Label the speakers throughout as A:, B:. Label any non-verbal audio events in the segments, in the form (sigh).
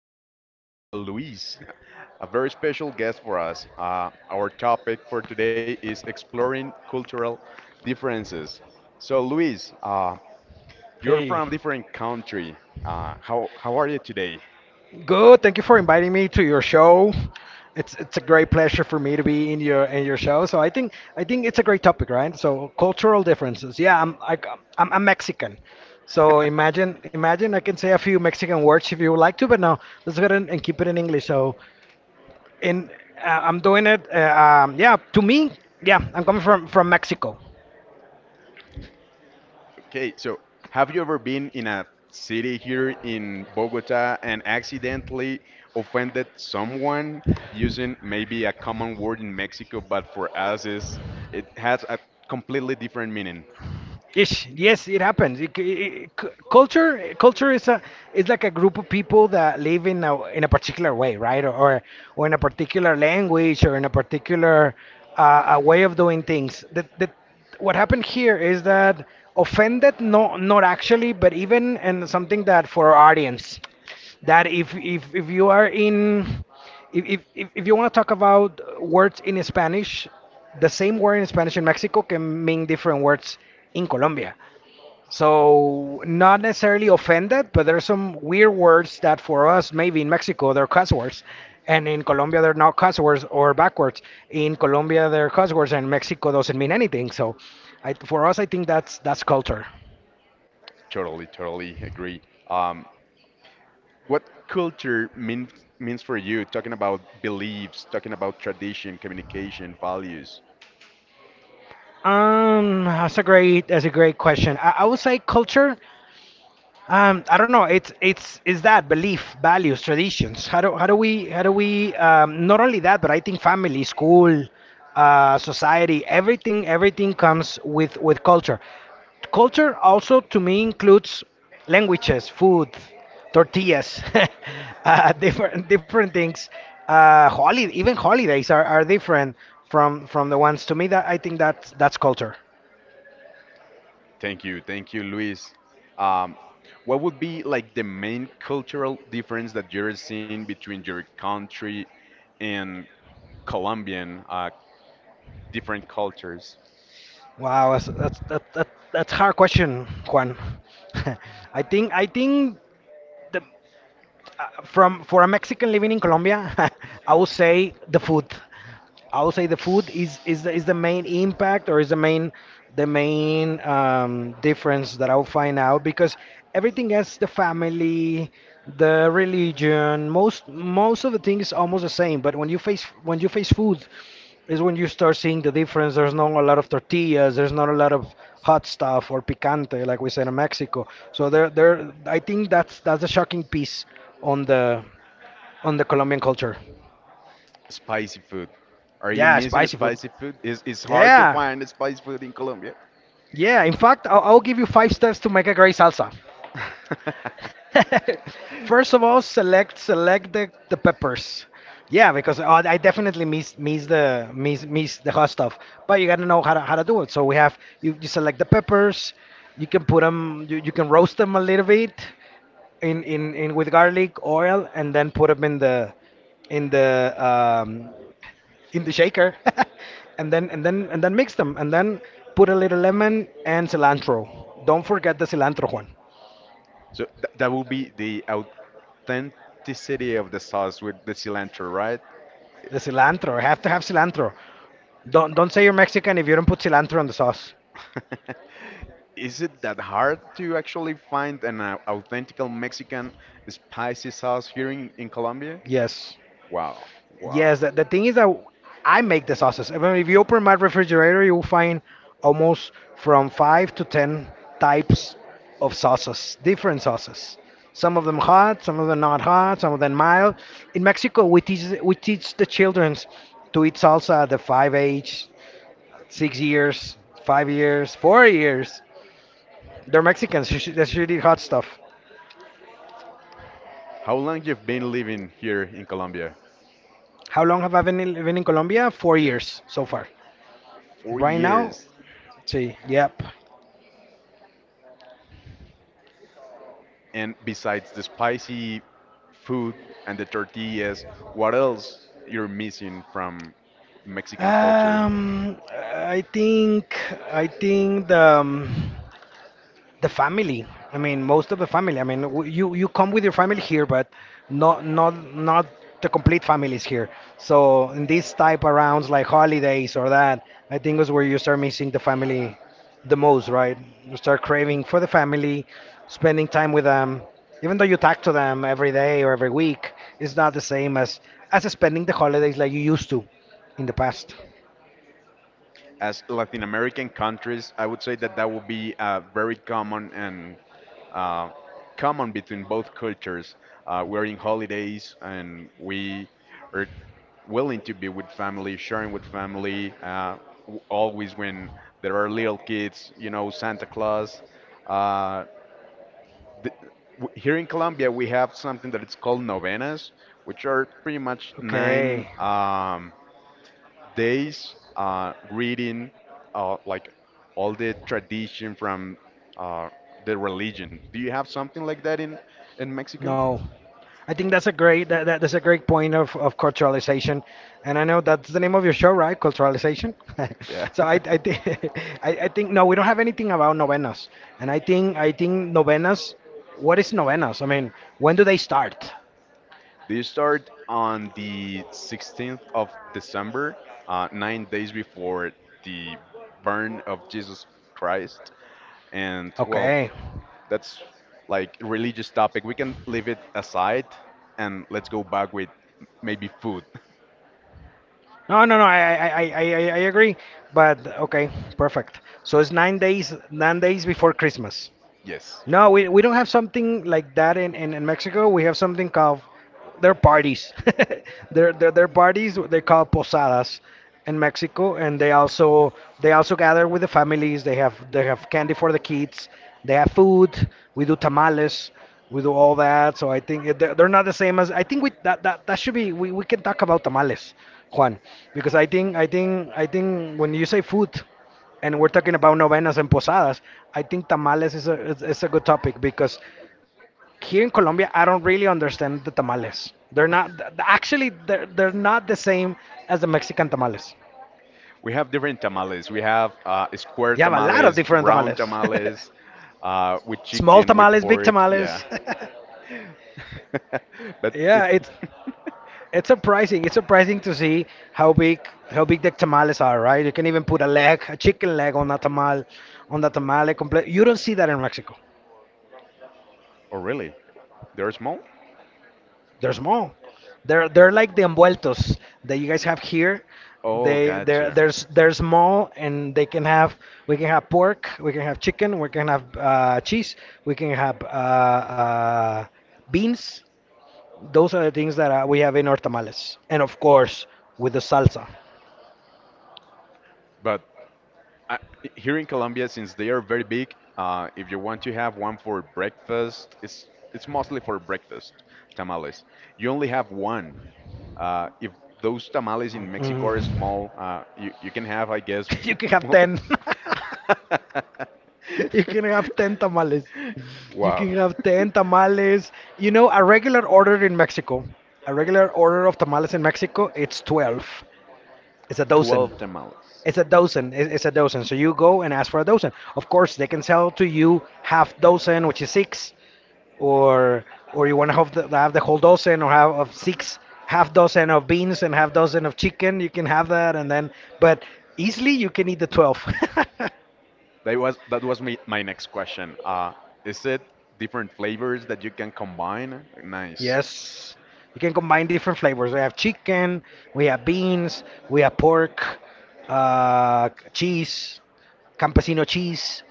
A: Today we have a Luis, a very special guest for us. Our topic for today is exploring cultural differences. So, Luis, you're
B: Hey,
A: from a different country. How are you today?
B: good. Thank you for inviting me to your show. It's a great pleasure for me to be in your show. So I think it's a great topic, right? So cultural differences. Yeah, I'm Mexican. So imagine I can say a few Mexican words if you would like to, but no, let's go ahead and keep it in English. So in I'm doing it. Yeah, to me, yeah, I'm coming from Mexico.
A: Okay, so have you ever been in a city here in Bogota and accidentally offended someone using maybe a common word in Mexico, but for us is it has a completely different meaning.
B: Ish. Yes, it happens. Culture is is like a group of people that live in a particular way, right? Or in a particular language, or in a particular a way of doing things. What happened here is that offended, no, not actually, but even and something that for our audience, that if you are in if you want to talk about words in Spanish, the same word in Spanish in Mexico can mean different words in Colombia. So, not necessarily offended, but there are some weird words that for us, maybe in Mexico, they're cuss words. And in Colombia, they're not cuss words or backwards. In Colombia, they're cuss words, and Mexico doesn't mean anything. So, I, for us, I think that's culture.
A: Totally agree. Um, what culture means for you, talking about beliefs, talking about tradition, communication, values?
B: That's a great question. I would say culture. I don't know. It's is that belief, values, traditions. How do we not only that, but I think family, school, society, everything comes with culture. Culture also to me includes languages, food, tortillas, (laughs) different things. Holiday even holidays are different from the ones to me that I think that's culture.
A: Thank you, Luis. Um, what would be like the main cultural difference that you're seeing between your country and Colombian different cultures?
B: Wow, that's hard question, Juan. (laughs) I think the, from for a Mexican living in Colombia, (laughs) I would say the food. I would say the food is the main impact or is the main difference that I'll find out because everything else, the family, the religion, most of the things is almost the same. But when you face food is when you start seeing the difference. There's not a lot of tortillas. There's not a lot of hot stuff or picante, like we said in Mexico. So there, there. I think that's a shocking piece on the on the Colombian culture.
A: Spicy food. Are you
B: Yeah,
A: missing
B: spicy food.
A: spicy food? Is it's hard to
B: Yeah,
A: find spicy food in Colombia?
B: yeah. In fact, I'll give you five steps to make a great salsa.
A: (laughs)
B: (laughs) First of all, the peppers. Yeah, because I definitely miss the hot stuff. But you gotta know how to do it. So we have you select the peppers. You can put them. You can roast them a little bit in with garlic oil, and then put them in the in the in the shaker, (laughs) and then mix them, and then put a little lemon and cilantro. Don't forget the cilantro, Juan.
A: So th that would be the authenticity of the sauce with the cilantro, right?
B: The cilantro. I have to have cilantro. Don't say you're Mexican if you don't put cilantro on the sauce.
A: (laughs) Is it that hard to actually find an authentic Mexican spicy sauce here in Colombia?
B: Yes,
A: Wow, wow.
B: yes. The thing is that I make the sauces. I mean, if you open my refrigerator, you will find almost from five to ten types of sauces, different sauces. Some of them hot, some of them not hot, some of them mild. In Mexico, we teach the children to eat salsa at the five age, 6 years, 5 years, 4 years. They're Mexicans. You should, they should eat hot stuff.
A: How long you've been living here in Colombia?
B: How long have been in Colombia? Four
A: Yeah,
B: years so far.
A: four
B: Right now,
A: years.
B: see, yep.
A: And besides the spicy food and the tortillas, what else you're missing from Mexican culture?
B: Um, I think I think the the family. I mean, most of the family. I mean, w- you come with your family here, but not the complete families here. So in these type of rounds, like holidays or that, I think is where you start missing the family the most, right? You start craving for the family, spending time with them. Even though you talk to them every day or every week, it's not the same as spending the holidays like you used to in the past.
A: As Latin American countries, I would say that that would be very common and uh, common between both cultures. We're in holidays and we are willing to be with family, sharing with family, always when there are little kids, Santa Claus. Uh, th- here in Colombia, we have something that it's called novenas, which are pretty much nine.
B: Okay.
A: Days reading like all the tradition from uh, the religion. Do you have something like that in Mexico?
B: No. I think that's a great point of culturalization, and I know that's the name of your show, right? Culturalization.
A: Yeah.
B: (laughs) so
A: (laughs)
B: (laughs) I think no, we don't have anything about novenas, and I think novenas. What is novenas? I mean, when do they start?
A: They start on the 16th of December, 9 days before the burn of Jesus Christ. And well,
B: Okay.
A: that's like religious topic. We can leave it aside and let's go back with maybe food. (laughs)
B: No, I agree, but okay, perfect. So it's 9 days before Christmas.
A: Yes.
B: No, we don't have something like that in Mexico. We have something called their parties. (laughs) Their parties they call posadas in Mexico, and they also gather with the families. They have candy for the kids. They have food. We do tamales. We do all that. So I think it- they're not the same as I think that should be we can talk about tamales, Juan, because I think when you say food and we're talking about novenas and posadas, I think tamales is a good topic because here in Colombia, I don't really understand the tamales. They're not th- th- actually they're not the same as the Mexican tamales.
A: We have different tamales. We have square
B: You have a lot of
A: tamales,
B: different
A: round
B: tamales.
A: tamales, with
B: (laughs) Small
A: chicken, with
B: tamales, big
A: pork. Yeah.
B: tamales. (laughs)
A: (laughs) But
B: yeah,
A: it. (laughs)
B: it's surprising. It's surprising to see how big the tamales are, right? You can even put a leg, a chicken leg on a tamal, on the tamale. Complete. You don't see that in Mexico.
A: Oh, really? They're small?
B: They're small. They're like the envueltos that you guys have here.
A: Oh, gotcha.
B: They're small and they can have we can have pork, we can have chicken, we can have cheese, we can have uh, beans. Those are the things that we have in our tamales, and of course with the salsa.
A: But I, here in Colombia, since they are very big, if you want to have one for breakfast, it's mostly for breakfast tamales. You only have one. If those tamales in
B: Mm.
A: Mexico are small, you can have, I guess.
B: (laughs) you can
A: (laughs)
B: have
A: mul-
B: ten.
A: (laughs)
B: (laughs) you can have ten tamales. You
A: Wow,
B: can have 10 tamales. You know, a regular order in Mexico, a regular order of tamales in Mexico, it's 12. It's a dozen.
A: 12 tamales.
B: It's a dozen. So you go and ask for a dozen. Of course, they can sell to you half dozen, which is six, or or you want to have the whole dozen or have of six, half dozen of beans and half dozen of chicken. You can have that, and then but easily you can eat the 12. (laughs)
A: That was my next question. Is it different flavors that you can combine? Nice.
B: Yes. You can combine different flavors. We have chicken, we have beans, we have pork, cheese, campesino cheese.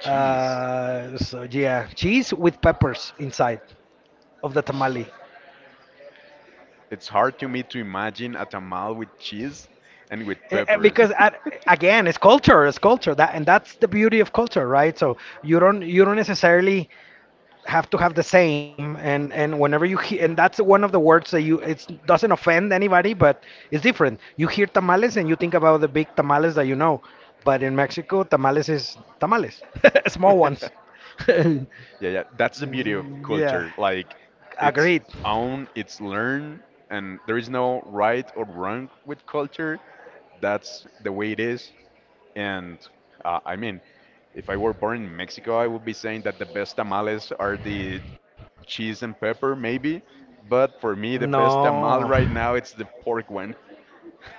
A: Cheese.
B: So yeah, cheese with peppers inside of the tamale.
A: It's hard to me to imagine a tamal with cheese and with peppers.
B: Because again, it's culture, that and that's the beauty of culture, right? So you don't necessarily have to have the same and whenever you hear and that's one of the words that you it doesn't offend anybody but it's different you hear tamales and you think about the big tamales that you know but in Mexico tamales is tamales (laughs) small
A: (laughs)
B: ones (laughs)
A: Yeah, yeah, that's the beauty of
B: yeah,
A: culture. Like, it's
B: agreed.
A: own, it's learn, and there is no right or wrong with culture. That's the way it is. And I mean, if I were born in Mexico, I would be saying that the best tamales are the cheese and pepper, maybe. But for me, the best
B: No,
A: tamal right now, it's the pork one.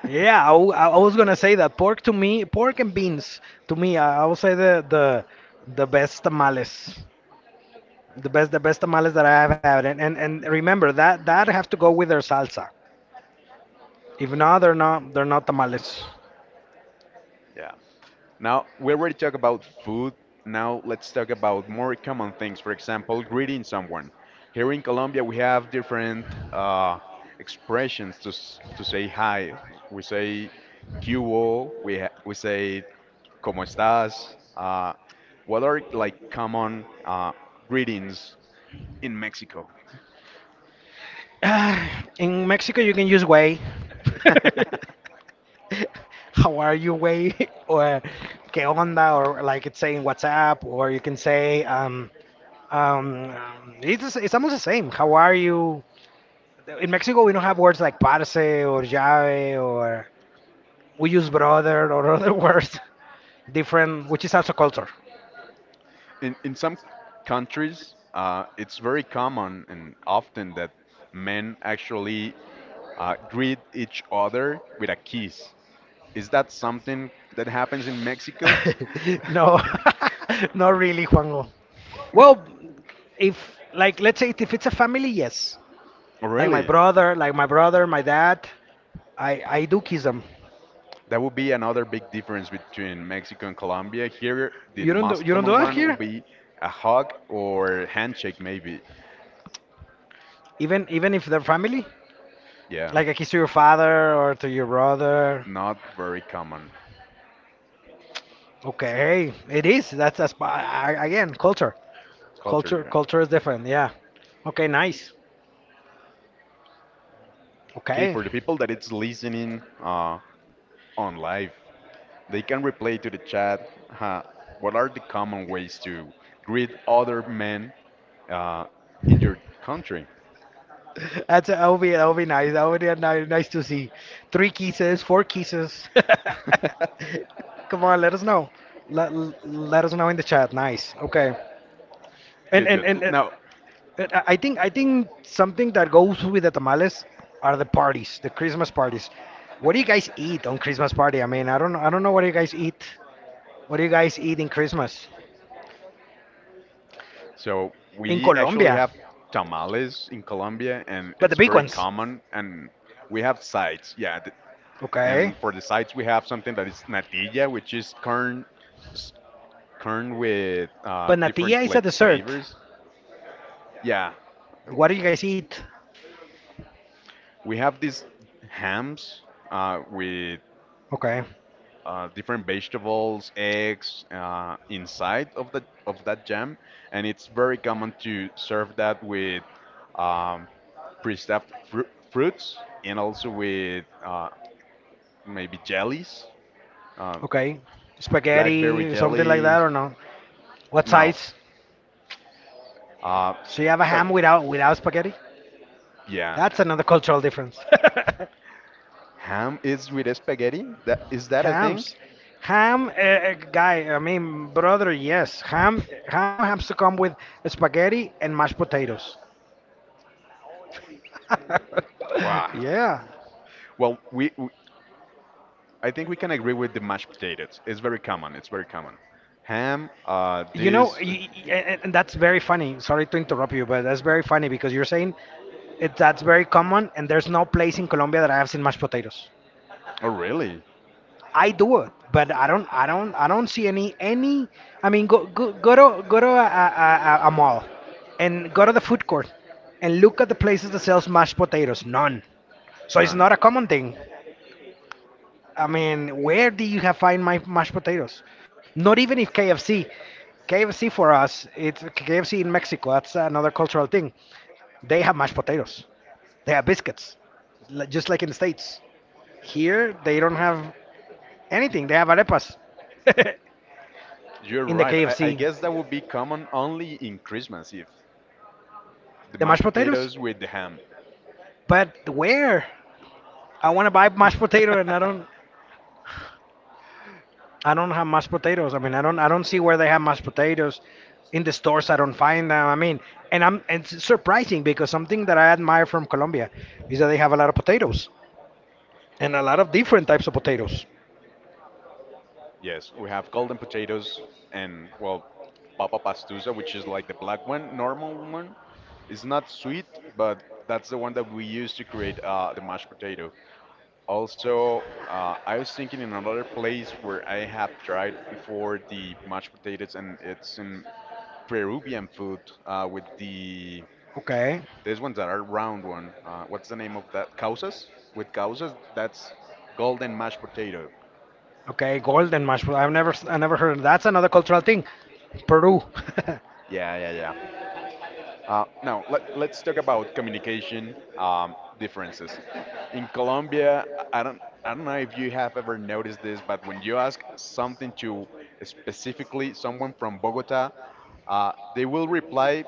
B: yeah, I was gonna say that pork to me, pork and beans to me, I would say the best tamales, the best tamales that I have had and remember that that have to go with their salsa. If not, they're not tamales. (sighs)
A: Yeah. Now, we already talked about food. Now, let's talk about more common things. For example, greeting someone. Here in Colombia, we have different uh, expressions to say hi. We say, ¿Qué hubo?" We say, ¿Cómo estás? What are like common greetings in Mexico?
B: Ah, in Mexico, you can use way.
A: (laughs)
B: (laughs) How are you way (laughs) or qué onda or like it's saying WhatsApp or you can say it's almost the same. How are you? In Mexico, we don't have words like parce or llave or we use brother or other (laughs) words different, which is also culture.
A: In some countries, it's very common and often that men actually greet each other with a kiss. Is that something that happens in Mexico?
B: (laughs)
A: (laughs)
B: No, (laughs) not really, Juanjo. Well, if like let's say if it's a family, yes.
A: Really?
B: Like my brother, my dad, I do kiss them.
A: That would be another big difference between Mexico and Colombia. Here, the
B: You don't
A: most common
B: do that
A: one
B: here?
A: would be a hug or handshake, maybe.
B: Even even if they're family?
A: Yeah,
B: Like a kiss to your father or to your brother.
A: not very common.
B: Okay, it is. Again culture.
A: Culture. Yeah.
B: Culture is different. Yeah. Okay, nice.
A: Okay,
B: Okay.
A: for the people that it's listening on live, they can reply to the chat. huh, what are the common ways to greet other men in your country?
B: That's that would be nice. That would be nice, nice to see. Three kisses, four kisses. (laughs)
A: (laughs)
B: Come on, let us know. Let, let us know in the chat. Nice. Okay. And
A: Good,
B: and
A: good.
B: and, uh,
A: Now,
B: and I think something that goes with the tamales are the parties, the Christmas parties. What do you guys eat on Christmas party? I mean, I don't know what you guys eat. What do you guys eat in Christmas
A: so we
B: in
A: actually have
B: Colombia?
A: tamales in Colombia, and it's
B: But the
A: very
B: big ones.
A: common. And we have sides, yeah. And
B: Okay.
A: for the sides, we have something that is natilla, which is corn, s- corn with
B: But
A: different
B: natilla is a
A: like
B: dessert.
A: flavors. Yeah,
B: What do you guys eat?
A: we have these hams with
B: Okay.
A: different vegetables, eggs inside of that jam, and it's very common to serve that with um, stuffed fruits and also with maybe jellies, uh,
B: Okay.
A: blackberry
B: Spaghetti, something like
A: jelly.
B: that, or no? What
A: No,
B: size?
A: uh,
B: So you have a
A: but
B: ham without spaghetti?
A: yeah,
B: That's another cultural difference.
A: ham is with spaghetti. That is
B: (laughs)
A: that a thing?
B: Hams. Ham, guy, I mean, brother, yes. Ham, ham has to come with spaghetti and mashed potatoes. (laughs)
A: Wow.
B: yeah.
A: Well, we I think we can agree with the mashed potatoes. It's very common. It's very common. Ham,
B: You know,
A: this,
B: and that's very funny. Sorry to interrupt you, but that's
A: no.
B: very funny because you're saying it, that's very common, and there's no place in Colombia that I have seen mashed potatoes.
A: Oh, really?
B: I do it, but I don't see any, any. I mean, go to a mall, and go to the food court, and look at the places that sells mashed potatoes. None. So it's
A: None.
B: not a common thing. I mean, where do you have find my mashed potatoes? Not even if KFC. KFC for us, it's KFC in Mexico. That's another cultural thing. They have mashed potatoes. They have biscuits, just like in the states. Here, they don't have anything. They have arepas. (laughs)
A: You're
B: in the
A: right. I
B: KFC.
A: guess that would be common only in Christmas Eve. The
B: The mashed
A: mashed
B: potatoes?
A: potatoes with the ham.
B: But where? I want to buy mashed potato and
A: (laughs)
B: I don't have mashed potatoes. I mean, I don't see where they have mashed potatoes in the stores. I don't find them. I mean, and it's surprising because something that I admire from Colombia is that they have a lot of potatoes and a lot of different types of potatoes.
A: Yes, we have golden potatoes and, well, papa pastusa, which is like the black one, normal one. It's not sweet, but that's the one that we use to create the mashed potato. Also, I was thinking in another place where I have tried before the mashed potatoes, and it's in Peruvian food with the
B: Okay.
A: These ones that are round one. What's the name of that? Causas? With causas, that's golden mashed potato.
B: Okay, golden mashed potato. I never heard. That's another cultural thing. Peru. (laughs)
A: Yeah, yeah, yeah. Now, let's talk about communication differences. In Colombia, I don't know if you have ever noticed this, but when you ask something to specifically someone from Bogota, they will reply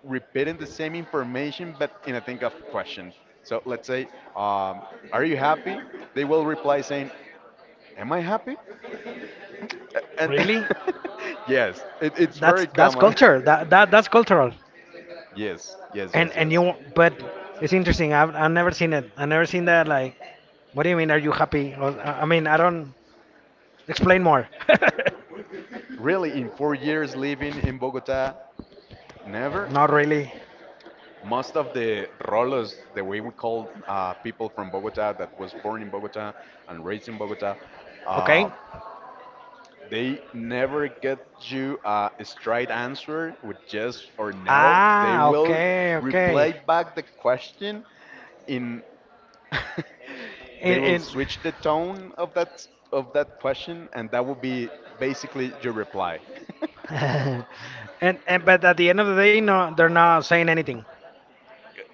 A: repeating the same information but in a think of question. So let's say, um, Are you happy? They will reply saying, Am I happy? And
B: really?
A: (laughs) yes, it's
B: That's
A: very
B: that's
A: common. (laughs)
B: culture. That's cultural.
A: Yes, yes, yes,
B: And
A: yes.
B: you, but it's interesting. I've never seen it. I've never seen that. Like, what do you mean? Are you happy? Or, I mean, I don't explain more. (laughs)
A: Really, in 4 years living in Bogota, never.
B: Not really.
A: Most of the rolos, the way we call people from Bogota that was born in Bogota and raised in Bogota,
B: Okay.
A: uh, they never get you a straight answer with yes or no. They
B: Ah,
A: will
B: okay, okay.
A: reply back the question in. (laughs) They
B: It,
A: will
B: it
A: switch the tone of that question and that will be basically your reply. (laughs)
B: (laughs) and but at the end of the day, no, they're not saying anything.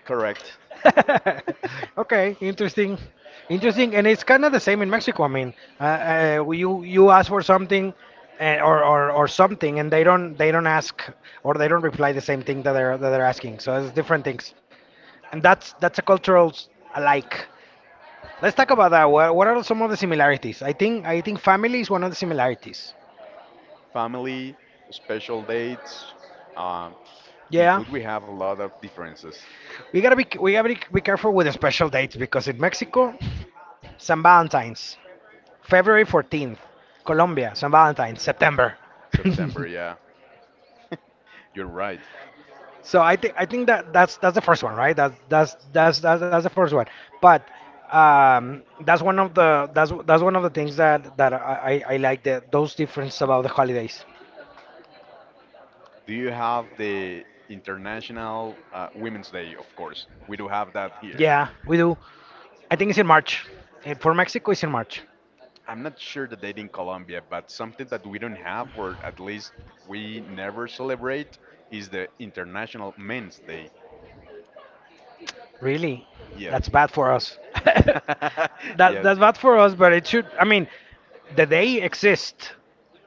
A: Correct.
B: (laughs) Okay, interesting, interesting, and it's kind of the same in Mexico. I mean, uh, you you ask for something, or something, and they don't ask or they don't reply the same thing that they're asking. So it's different things, and that's a cultural alike. Let's talk about that. What are some of the similarities? I think family is one of the similarities.
A: Family, special dates. Um, in
B: Yeah,
A: food we have a lot of differences.
B: be careful with the special dates because in Mexico, San Valentine's. February 14th, Colombia, San Valentine, September. (laughs)
A: September, yeah, you're right.
B: so I think that that's the first one, right? That's the first one. But that's one of the that's one of the things that that I like that those difference about the holidays.
A: Do you have the International Women's Day? Of course we do have that here.
B: Yeah, we do. I think it's in March. And for Mexico, it's in March.
A: I'm not sure the date in Colombia, but something that we don't have, or at least we never celebrate, is the International Men's Day.
B: Really? That's
A: Yes.
B: bad for us. (laughs)
A: (laughs)
B: that
A: Yes.
B: that's bad for us, but it should I mean, the day exists.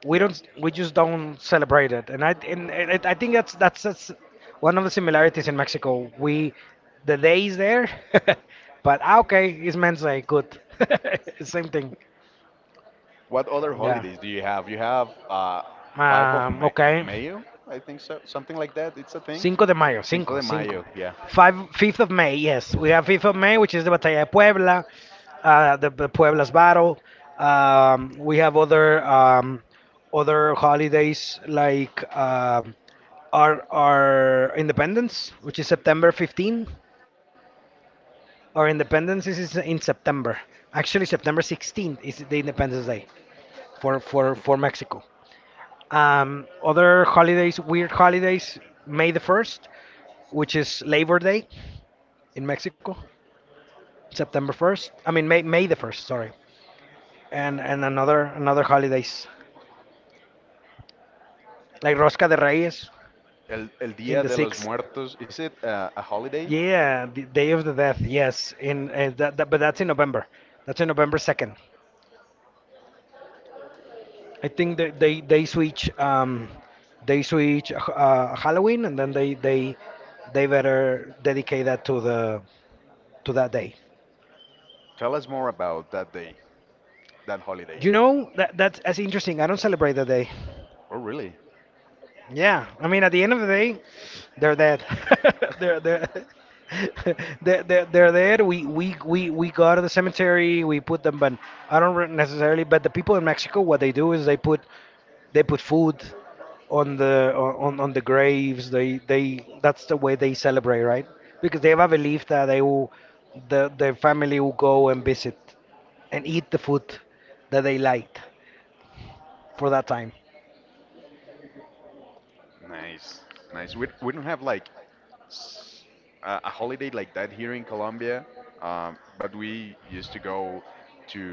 A: Yeah.
B: We just don't celebrate it. And I and it, I think that's that's one of the similarities in Mexico. We the day is there, (laughs) but ah, okay, it's Men's Day, good. (laughs) Same thing.
A: What other
B: Yeah.
A: holidays do you have? You have 5 Of
B: Okay.
A: Mayo, I think so. Something like that. It's a thing.
B: Cinco de Mayo,
A: Cinco
B: cinco,
A: de
B: cinco.
A: Mayo, yeah.
B: Five, 5th of May, yes. We have 5th of May, which is the Batalla de Puebla, the Puebla's battle. We have other other holidays like our Independence, which is September 15. Our Independence is in September. Actually, September 16th is the Independence Day for Mexico. Other holidays, weird holidays, May the 1st, which is Labor Day in Mexico, September 1st. I mean May the 1st, sorry. And another holidays like Rosca de Reyes
A: El
B: in
A: Dia
B: the
A: de los
B: 6th.
A: Muertos. Is it a holiday?
B: Yeah, the Day of the Death. Yes, in that but that's in November. That's in November 2nd. I think they switch Halloween and then they better dedicate that to the to that day.
A: Tell us more about that day, that holiday.
B: You know that that's as interesting. I don't celebrate that day.
A: Oh, really?
B: Yeah, I mean, at the end of the day, they're dead. (laughs) they're they're. (laughs) They're dead. We go to the cemetery. We put them, but I don't necessarily. But the people in Mexico, what they do is they put food on the on the graves. They that's the way they celebrate, right? Because they have a belief that they will the their family will go and visit and eat the food that they liked for that time.
A: Nice, nice. We don't have like s- a holiday like that here in Colombia, but we used to go to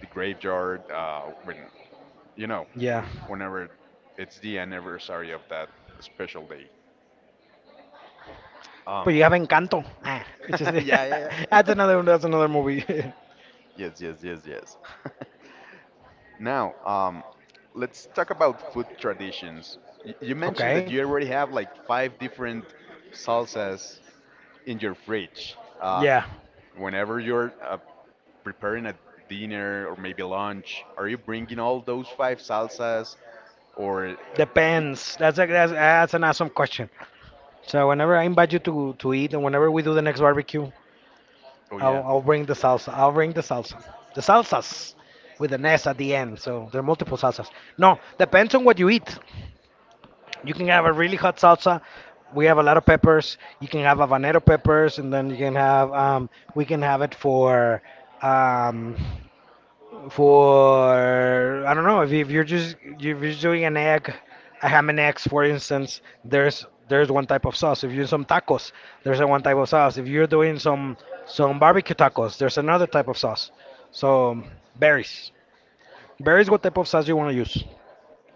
A: the graveyard you know
B: Yeah.
A: whenever it's the anniversary of that special day. Um,
B: But you have Encanto. Ah, which is
A: (laughs) yeah, yeah,
B: (laughs)
A: yeah. (laughs)
B: that's another movie. (laughs)
A: Yes, yes, yes, yes. (laughs) Now, let's talk about food traditions. Y you mentioned that
B: okay,
A: you already have like five different salsas in your fridge. Uh,
B: yeah,
A: Whenever you're preparing a dinner or maybe lunch, are you bringing all those five salsas or it,
B: depends. That's a, that's an awesome question. So whenever I invite you to eat, and whenever we do the next barbecue,
A: oh yeah,
B: I'll bring the salsa. I'll bring the salsa. The salsas with an S at the end. So there are multiple salsas. No, depends on what you eat. You can have a really hot salsa. We have a lot of peppers. You can have habanero peppers, and then you can have we can have it um, for I don't know if, if you're just if you're doing an egg, a ham and eggs, for instance, there's one type of sauce. If you're doing some tacos, there's a one type of sauce. If you're doing some barbecue tacos, there's another type of sauce. So berries, berries. What type of sauce you want to use?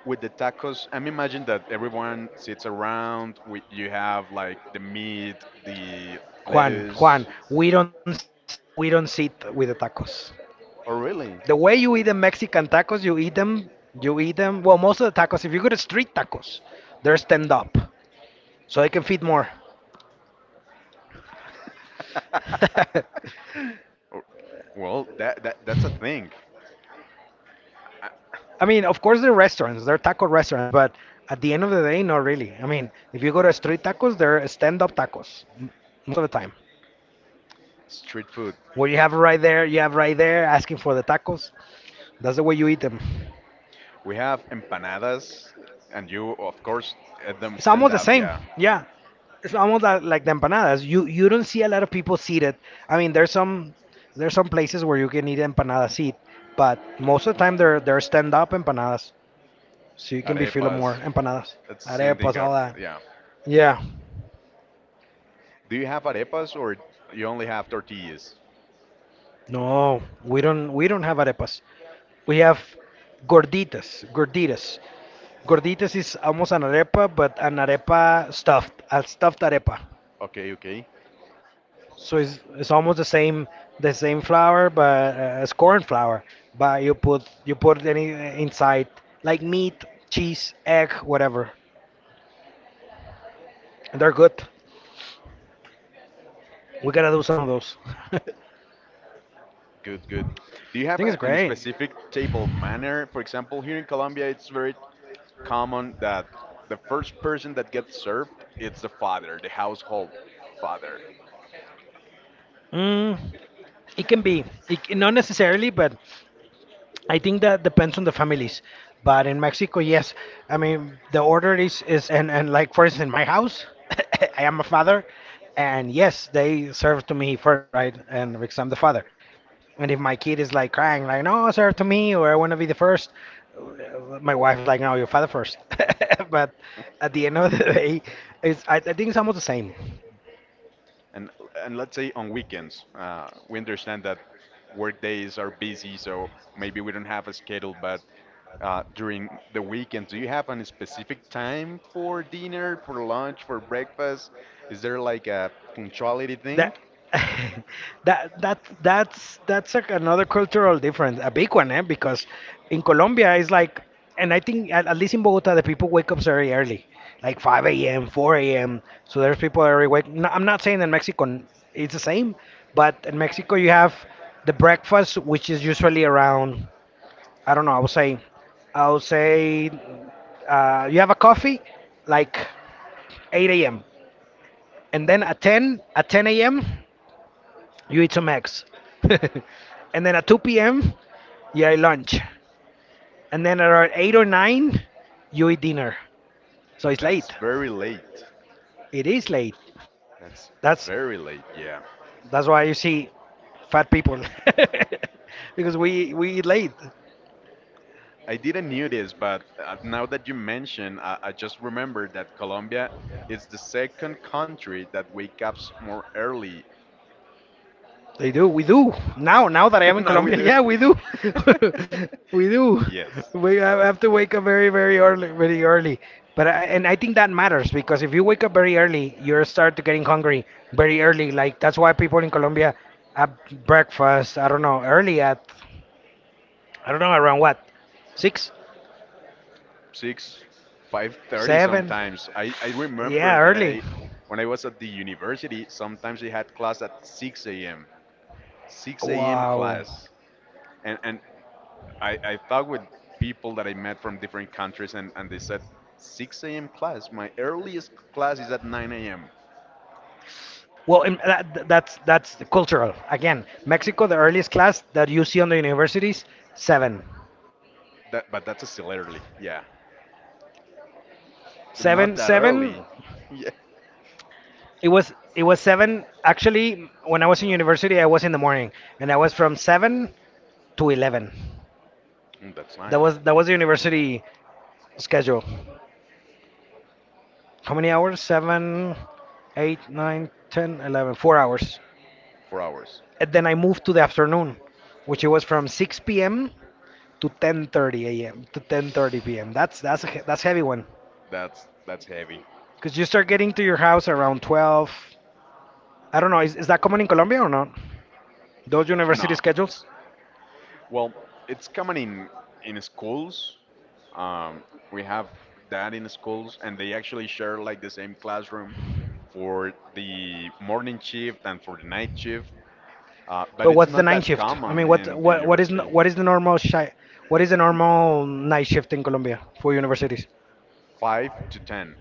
A: with the tacos? I'm imagine that everyone sits around. With, you have like the meat, the
B: Juan,
A: lettuce.
B: we don't sit with the tacos.
A: Oh
B: The
A: really?
B: way you eat the Mexican tacos, you eat them, you eat them. Well, most of the tacos, if you go to street tacos, they're stand up, so they can feed more. (laughs)
A: (laughs) Oh, well, that's a thing.
B: I mean, of course, they are restaurants, they are taco restaurants, but at the end of the day, not really. I mean, if you go to street tacos, they're stand up tacos most of the time.
A: Street food.
B: Where you have right there, you have right there asking for the tacos. That's the way you eat them.
A: We have empanadas, and you, of course, at them
B: It's
A: stand
B: almost the
A: up.
B: same.
A: Yeah,
B: Yeah. It's almost like the empanadas. You don't see a lot of people seated. I mean, there's some places where you can eat empanada seat, but most of the time they're stand up empanadas, so you can be feeling more
A: arepas.
B: empanadas,
A: That's the same
B: arepas,
A: thing.
B: all that.
A: Yeah.
B: Yeah.
A: Do you have arepas or you only have tortillas?
B: No, we don't have arepas. We have gorditas, gorditas. Gorditas is almost an arepa, but an arepa stuffed, a stuffed arepa.
A: Okay, okay.
B: So it's almost the same flour, but as corn flour. But you put any inside like meat, cheese, egg, whatever. And they're good. We gotta do some of those. (laughs) I
A: Good, good. Do you have
B: think it's
A: an
B: great.
A: specific table manner? For example, here in Colombia, it's very common that the first person that gets served it's the father, the household father.
B: Mm, it can be. It, not necessarily, but I think that depends on the families, but in Mexico, yes. I mean, the order is and like for instance, in my house, (laughs) I am a father, and yes, they serve to me first, right? And because I'm the father, and if my kid is like crying, like no, serve to me, or I want to be the first, my wife is like, no, your father first. (laughs) but at the end of the (laughs) day, it's I think it's almost the same.
A: And and let's say on weekends, we understand that work days are busy, so maybe we don't have a schedule. But during the weekend, do you have a specific time for dinner, for lunch, for breakfast? Is there like a punctuality
B: That
A: thing?
B: (laughs) that that that's like another cultural difference, a big one, eh? Because in Colombia it's like, and I think at least in Bogota, the people wake up very early, like 5 a.m., 4 a.m. So there's people that are wake. No, I'm not saying in Mexico it's the same, but in Mexico you have the breakfast, which is usually around, I don't know, I would say, you have a coffee, like 8 a.m. And then at 10 a.m. you eat some eggs. (laughs) and then at 2 p.m., you eat lunch. And then around 8 or 9, you eat dinner. So it's
A: That's
B: late.
A: very late.
B: It is late.
A: That's
B: That's
A: very late. Yeah.
B: that's why you see fat people (laughs) because we eat late.
A: I didn't knew this, but now that you mention, I just remembered that Colombia is the second country that wakes up more early.
B: They do. We do now. Now that I
A: (laughs)
B: am in
A: Now we
B: Colombia,
A: do.
B: yeah, we do. (laughs)
A: (laughs)
B: we do.
A: Yes,
B: We I have to wake up very, very early, very early. But I, and I think that matters because if you wake up very early, you start to getting hungry very early. Like that's why people in Colombia have breakfast. I don't know, early at I don't know around what six,
A: six, 5:30
B: seven.
A: sometimes. I remember
B: Yeah,
A: that
B: early.
A: when I was at the university, sometimes I had class at 6 a.m. 6 a.m.
B: Wow.
A: class, and I talked with people that I met from different countries, and they said 6 a.m. class. My earliest class is at 9 a.m.
B: Well, in, that, th- that's the cultural. Again, Mexico, the earliest class that you see on the universities, seven.
A: That but that's still early. Yeah, not
B: Seven,
A: that
B: seven.
A: early. (laughs) Yeah,
B: It was seven. Actually, when I was in university, I was in the morning, and I was from 7 to 11.
A: That's
B: That
A: nice.
B: was that was the university schedule. How many hours? Seven, eight, nine, ten, 11. 4 hours.
A: 4 hours.
B: And then I moved to the afternoon, which it was from six p.m. to ten thirty p.m. That's heavy one,
A: That's heavy.
B: because you start getting to your house around 12. I don't know. Is that common in Colombia or not? Those university
A: No.
B: schedules?
A: Well, it's common in schools. Um, we have that in schools, and they actually share like the same classroom for the morning shift and for the night shift. But
B: But
A: it's
B: what's the
A: not
B: night
A: that
B: shift? I mean,
A: common
B: what
A: in the
B: what what is
A: university.
B: n- what is the normal shi what is the normal night shift in Colombia for universities?
A: Five to ten.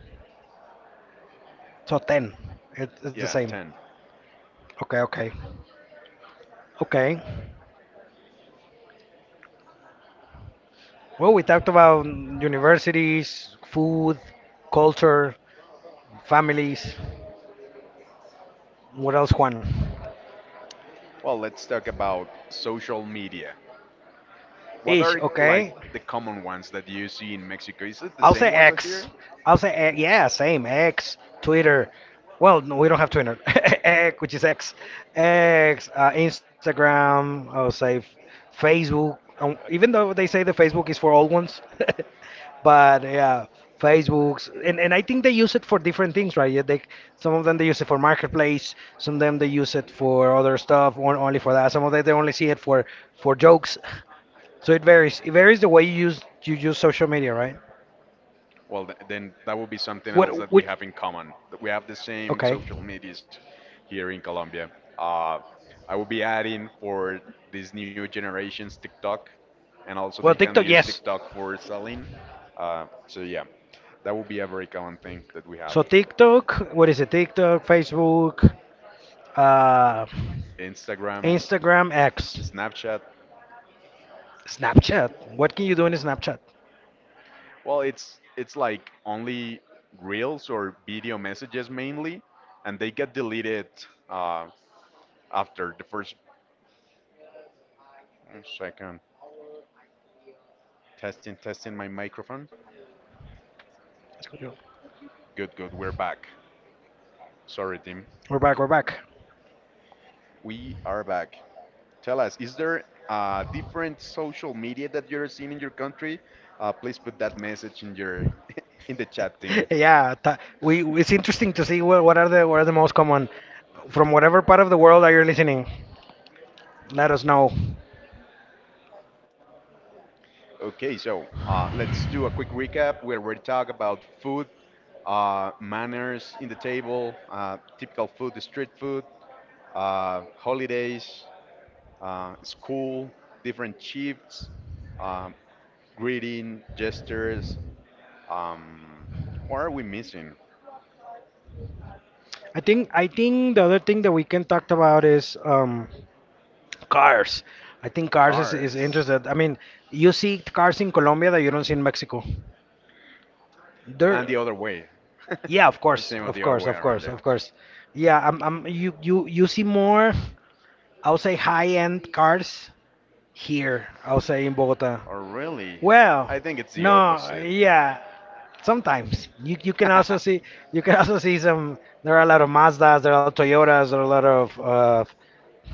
B: So 10. It's the
A: Yeah,
B: same.
A: ten.
B: Okay, okay. Okay. Well, we talked about universities, food, culture, families. What else, Juan?
A: Well, let's talk about social media. What
B: Ish,
A: are like
B: okay.
A: the common ones that you see in Mexico? Is it the
B: I'll say
A: same ones I
B: X.
A: hear?
B: I'll say X. Yeah, same X, Twitter. Well, no, we don't have Twitter, (laughs) X, which is X, X, Instagram. Facebook. Even though they say the Facebook is for old ones, (laughs) but yeah, Facebooks, and I think they use it for different things, right? Yeah, they some of them they use it for marketplace, some of them they use it for other stuff, on, only for that. Some of them they only see it for jokes. (laughs) So it varies. It varies the way you use social media, right?
A: Well, then that would be something
B: What?
A: else that we
B: Which?
A: have in common. That we have the same
B: Okay.
A: social medias here in Colombia. Uh, I will be adding for these new generations TikTok, and also they
B: Well,
A: can
B: TikTok,
A: use
B: yes.
A: TikTok for selling. So yeah, that would be a very common thing that we have.
B: So TikTok, what is it? TikTok, Facebook, uh,
A: Instagram,
B: Instagram, X,
A: Snapchat.
B: Snapchat. What can you do in Snapchat?
A: Well, it's like only reels or video messages mainly, and they get deleted uh, after the first second. Testing, testing my microphone.
B: Let's go, Joe.
A: Good, good. We're back.
B: We're back. We're
A: Sorry,
B: back.
A: team. We are back. Tell us, is there different social media that you're seeing in your country? Please put that message in your (laughs) in the chat,
B: (laughs)
A: team.
B: Yeah, ta we.
A: (laughs)
B: It's interesting to see what are the most common from whatever part of the world that you're listening. Let us know.
A: Okay, so let's do a quick recap. Where We already talked about food, manners in the table, typical food, street food, holidays, school, different shifts, um, greeting gestures. Um, what are we missing?
B: I think the other thing that we can talk about is cars. I think cars is
A: Cars.
B: interested. I mean, you see cars in Colombia that you don't see in Mexico.
A: And the
B: There,
A: other way. (laughs)
B: yeah, of
A: The
B: course,
A: same with
B: of
A: the other
B: course,
A: way
B: of
A: around
B: course, of
A: there.
B: course. Yeah, you see more, I would say, high-end cars here, I would say, in Bogota.
A: Or really?
B: Well,
A: I think it's the
B: no,
A: opposite.
B: yeah, sometimes you can also see,
A: (laughs)
B: you can also see some. There are a lot of Mazdas, there are Toyotas, there are a lot of,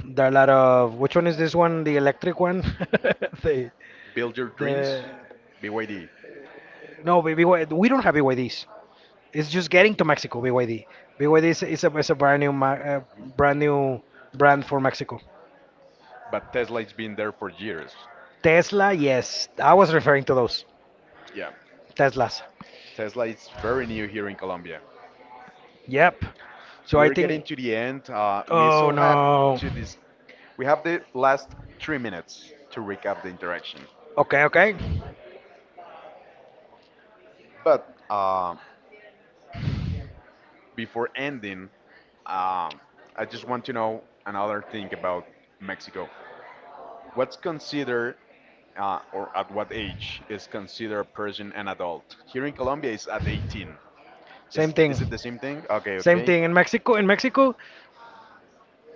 B: there are a lot of. Which one is this one? The electric one? (laughs) the
A: Build your
B: the
A: dreams? BYD.
B: No, BY, we don't have BYDs. It's just getting to Mexico, BYD. BYD is a brand new brand new brand for Mexico.
A: But Tesla's been there for years.
B: Tesla, yes. I was referring to those
A: Yeah.
B: Teslas.
A: Tesla is very new here in Colombia.
B: Yep. So I
A: We're getting
B: think
A: to the end. We
B: oh
A: still have
B: no.
A: to this. We have the last 3 minutes to recap the interaction.
B: Okay, okay.
A: But before ending, um, I just want to know another thing about Mexico. What's considered, or at what age is considered a person an adult? Here in Colombia, it's at 18.
B: Same
A: Is
B: thing.
A: is it the same thing? Okay,
B: Same
A: okay,
B: thing in Mexico. In Mexico,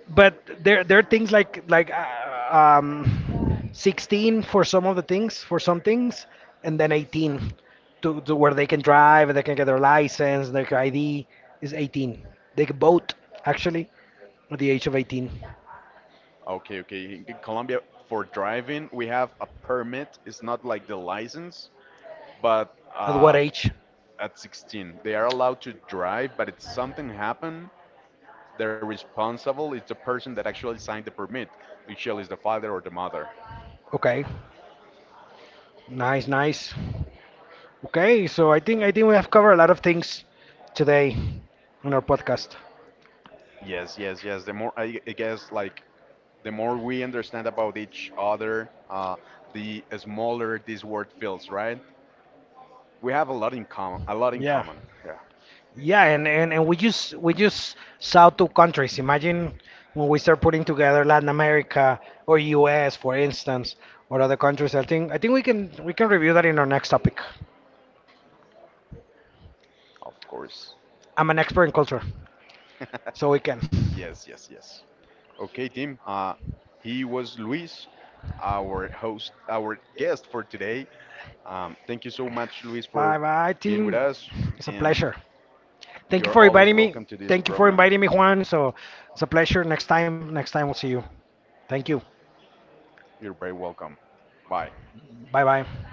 B: but there are things like 16 for some of the things for some things and then 18 to where they can drive they can get their license their id is 18 they can vote actually at the age of 18
A: okay, okay. In Colombia, for driving, we have a permit. It's not like the license, but
B: at what age
A: at 16. They are allowed to drive, but if something happened, the responsible is the person that actually signed the permit, usually is the father or the mother.
B: okay nice nice okay so I think we have covered a lot of things today on our podcast
A: Yes, yes, yes. The more I guess, like the more we understand about each other, the smaller this world feels, right? We have a lot in common. A lot in
B: yeah.
A: common. Yeah,
B: Yeah, and we just saw two countries. Imagine when we start putting together Latin America or US, for instance, or other countries. I think we can review that in our next topic.
A: of course.
B: I'm an expert in culture,
A: (laughs)
B: so we can.
A: Yes, yes, yes. Okay, Tim. He was Luis, our host, our guest for today. Thank you so much, Luis, for
B: Bye bye,
A: being with
B: team.
A: us,
B: It's a
A: and
B: pleasure. Thank you
A: you're
B: for
A: always
B: inviting me.
A: welcome to this
B: Thank you for
A: program.
B: inviting me, Juan. So it's a pleasure. Next time we'll see you. Thank you.
A: You're very welcome. Bye.
B: Bye bye.